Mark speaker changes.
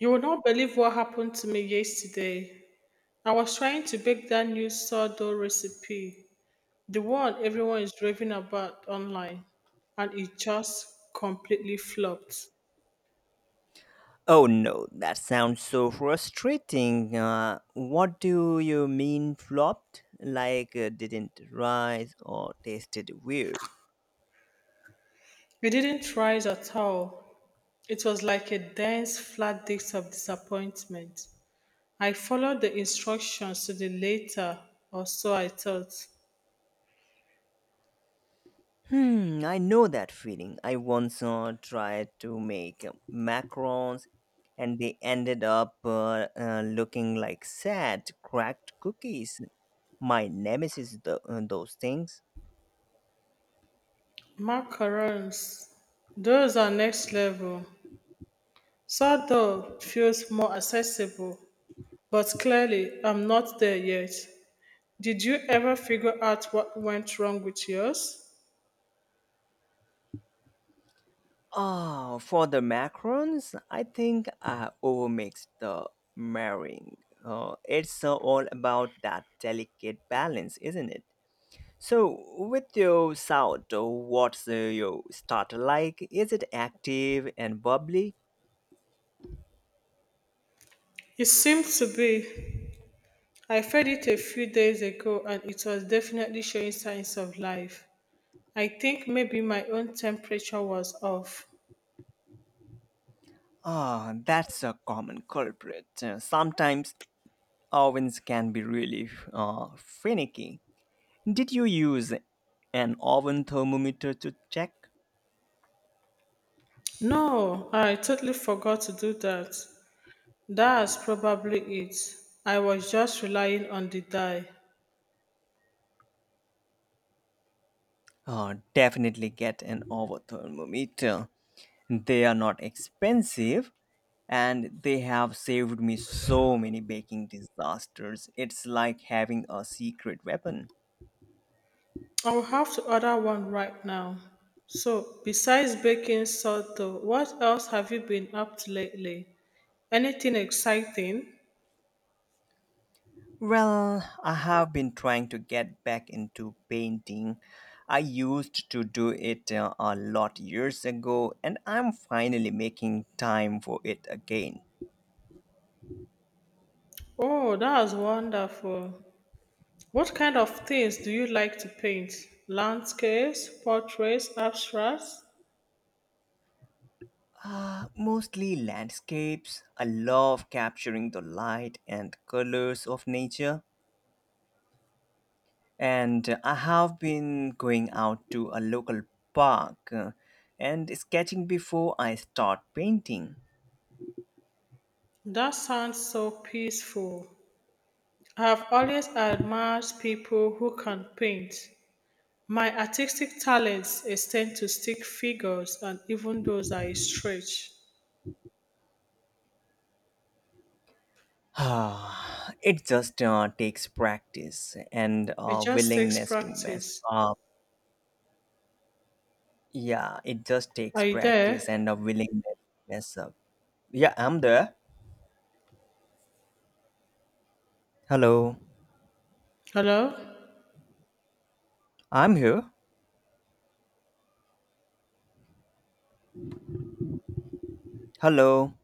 Speaker 1: You will not believe what happened to me yesterday. I was trying to bake that new sourdough recipe, the one everyone is raving about online, and it just completely flopped.
Speaker 2: Oh no, that sounds so frustrating. What do you mean flopped? Like didn't rise or tasted weird?
Speaker 1: It didn't rise at all. It was like a dense, flat disk of disappointment. I followed the instructions to the letter, or so I thought.
Speaker 2: Hmm, I know that feeling. I once tried to make macarons and they ended up looking like sad, cracked cookies. My nemesis, those things.
Speaker 1: Macarons, those are next level. Sourdough feels more accessible, but clearly I'm not there yet. Did you ever figure out what went wrong with yours?
Speaker 2: Oh, for the macarons, I think I overmixed the marrying. It's all about that delicate balance, isn't it? So, with your sourdough, what's your starter like? Is it active and bubbly?
Speaker 1: It seemed to be. I fed it a few days ago and it was definitely showing signs of life. I think maybe my own temperature was off.
Speaker 2: Ah, that's a common culprit. Sometimes ovens can be really finicky. Did you use an oven thermometer to check?
Speaker 1: No, I totally forgot to do that. That's probably it. I was just relying on the dye.
Speaker 2: Definitely get an over thermometer. They are not expensive and they have saved me so many baking disasters. It's like having a secret weapon.
Speaker 1: I'll have to order one right now. So, besides baking sourdough, what else have you been up to lately? Anything exciting?
Speaker 2: Well, I have been trying to get back into painting. I used to do it a lot years ago, and I'm finally making time for it again.
Speaker 1: Oh, that's wonderful. What kind of things do you like to paint? Landscapes, portraits, abstracts?
Speaker 2: Mostly landscapes. I love capturing the light and colors of nature. And I have been going out to a local park and sketching before I start painting.
Speaker 1: That sounds so peaceful. I have always admired people who can paint. My artistic talents extend to stick figures and even those I stretch.
Speaker 2: Ah, it just takes practice and
Speaker 1: It
Speaker 2: a
Speaker 1: just takes
Speaker 2: willingness to mess
Speaker 1: practice.
Speaker 2: up. Yeah, it just
Speaker 1: Are
Speaker 2: takes
Speaker 1: you there?
Speaker 2: practice and a willingness to mess up. Yeah, I'm there. Hello.
Speaker 1: Hello?
Speaker 2: I'm here. Hello.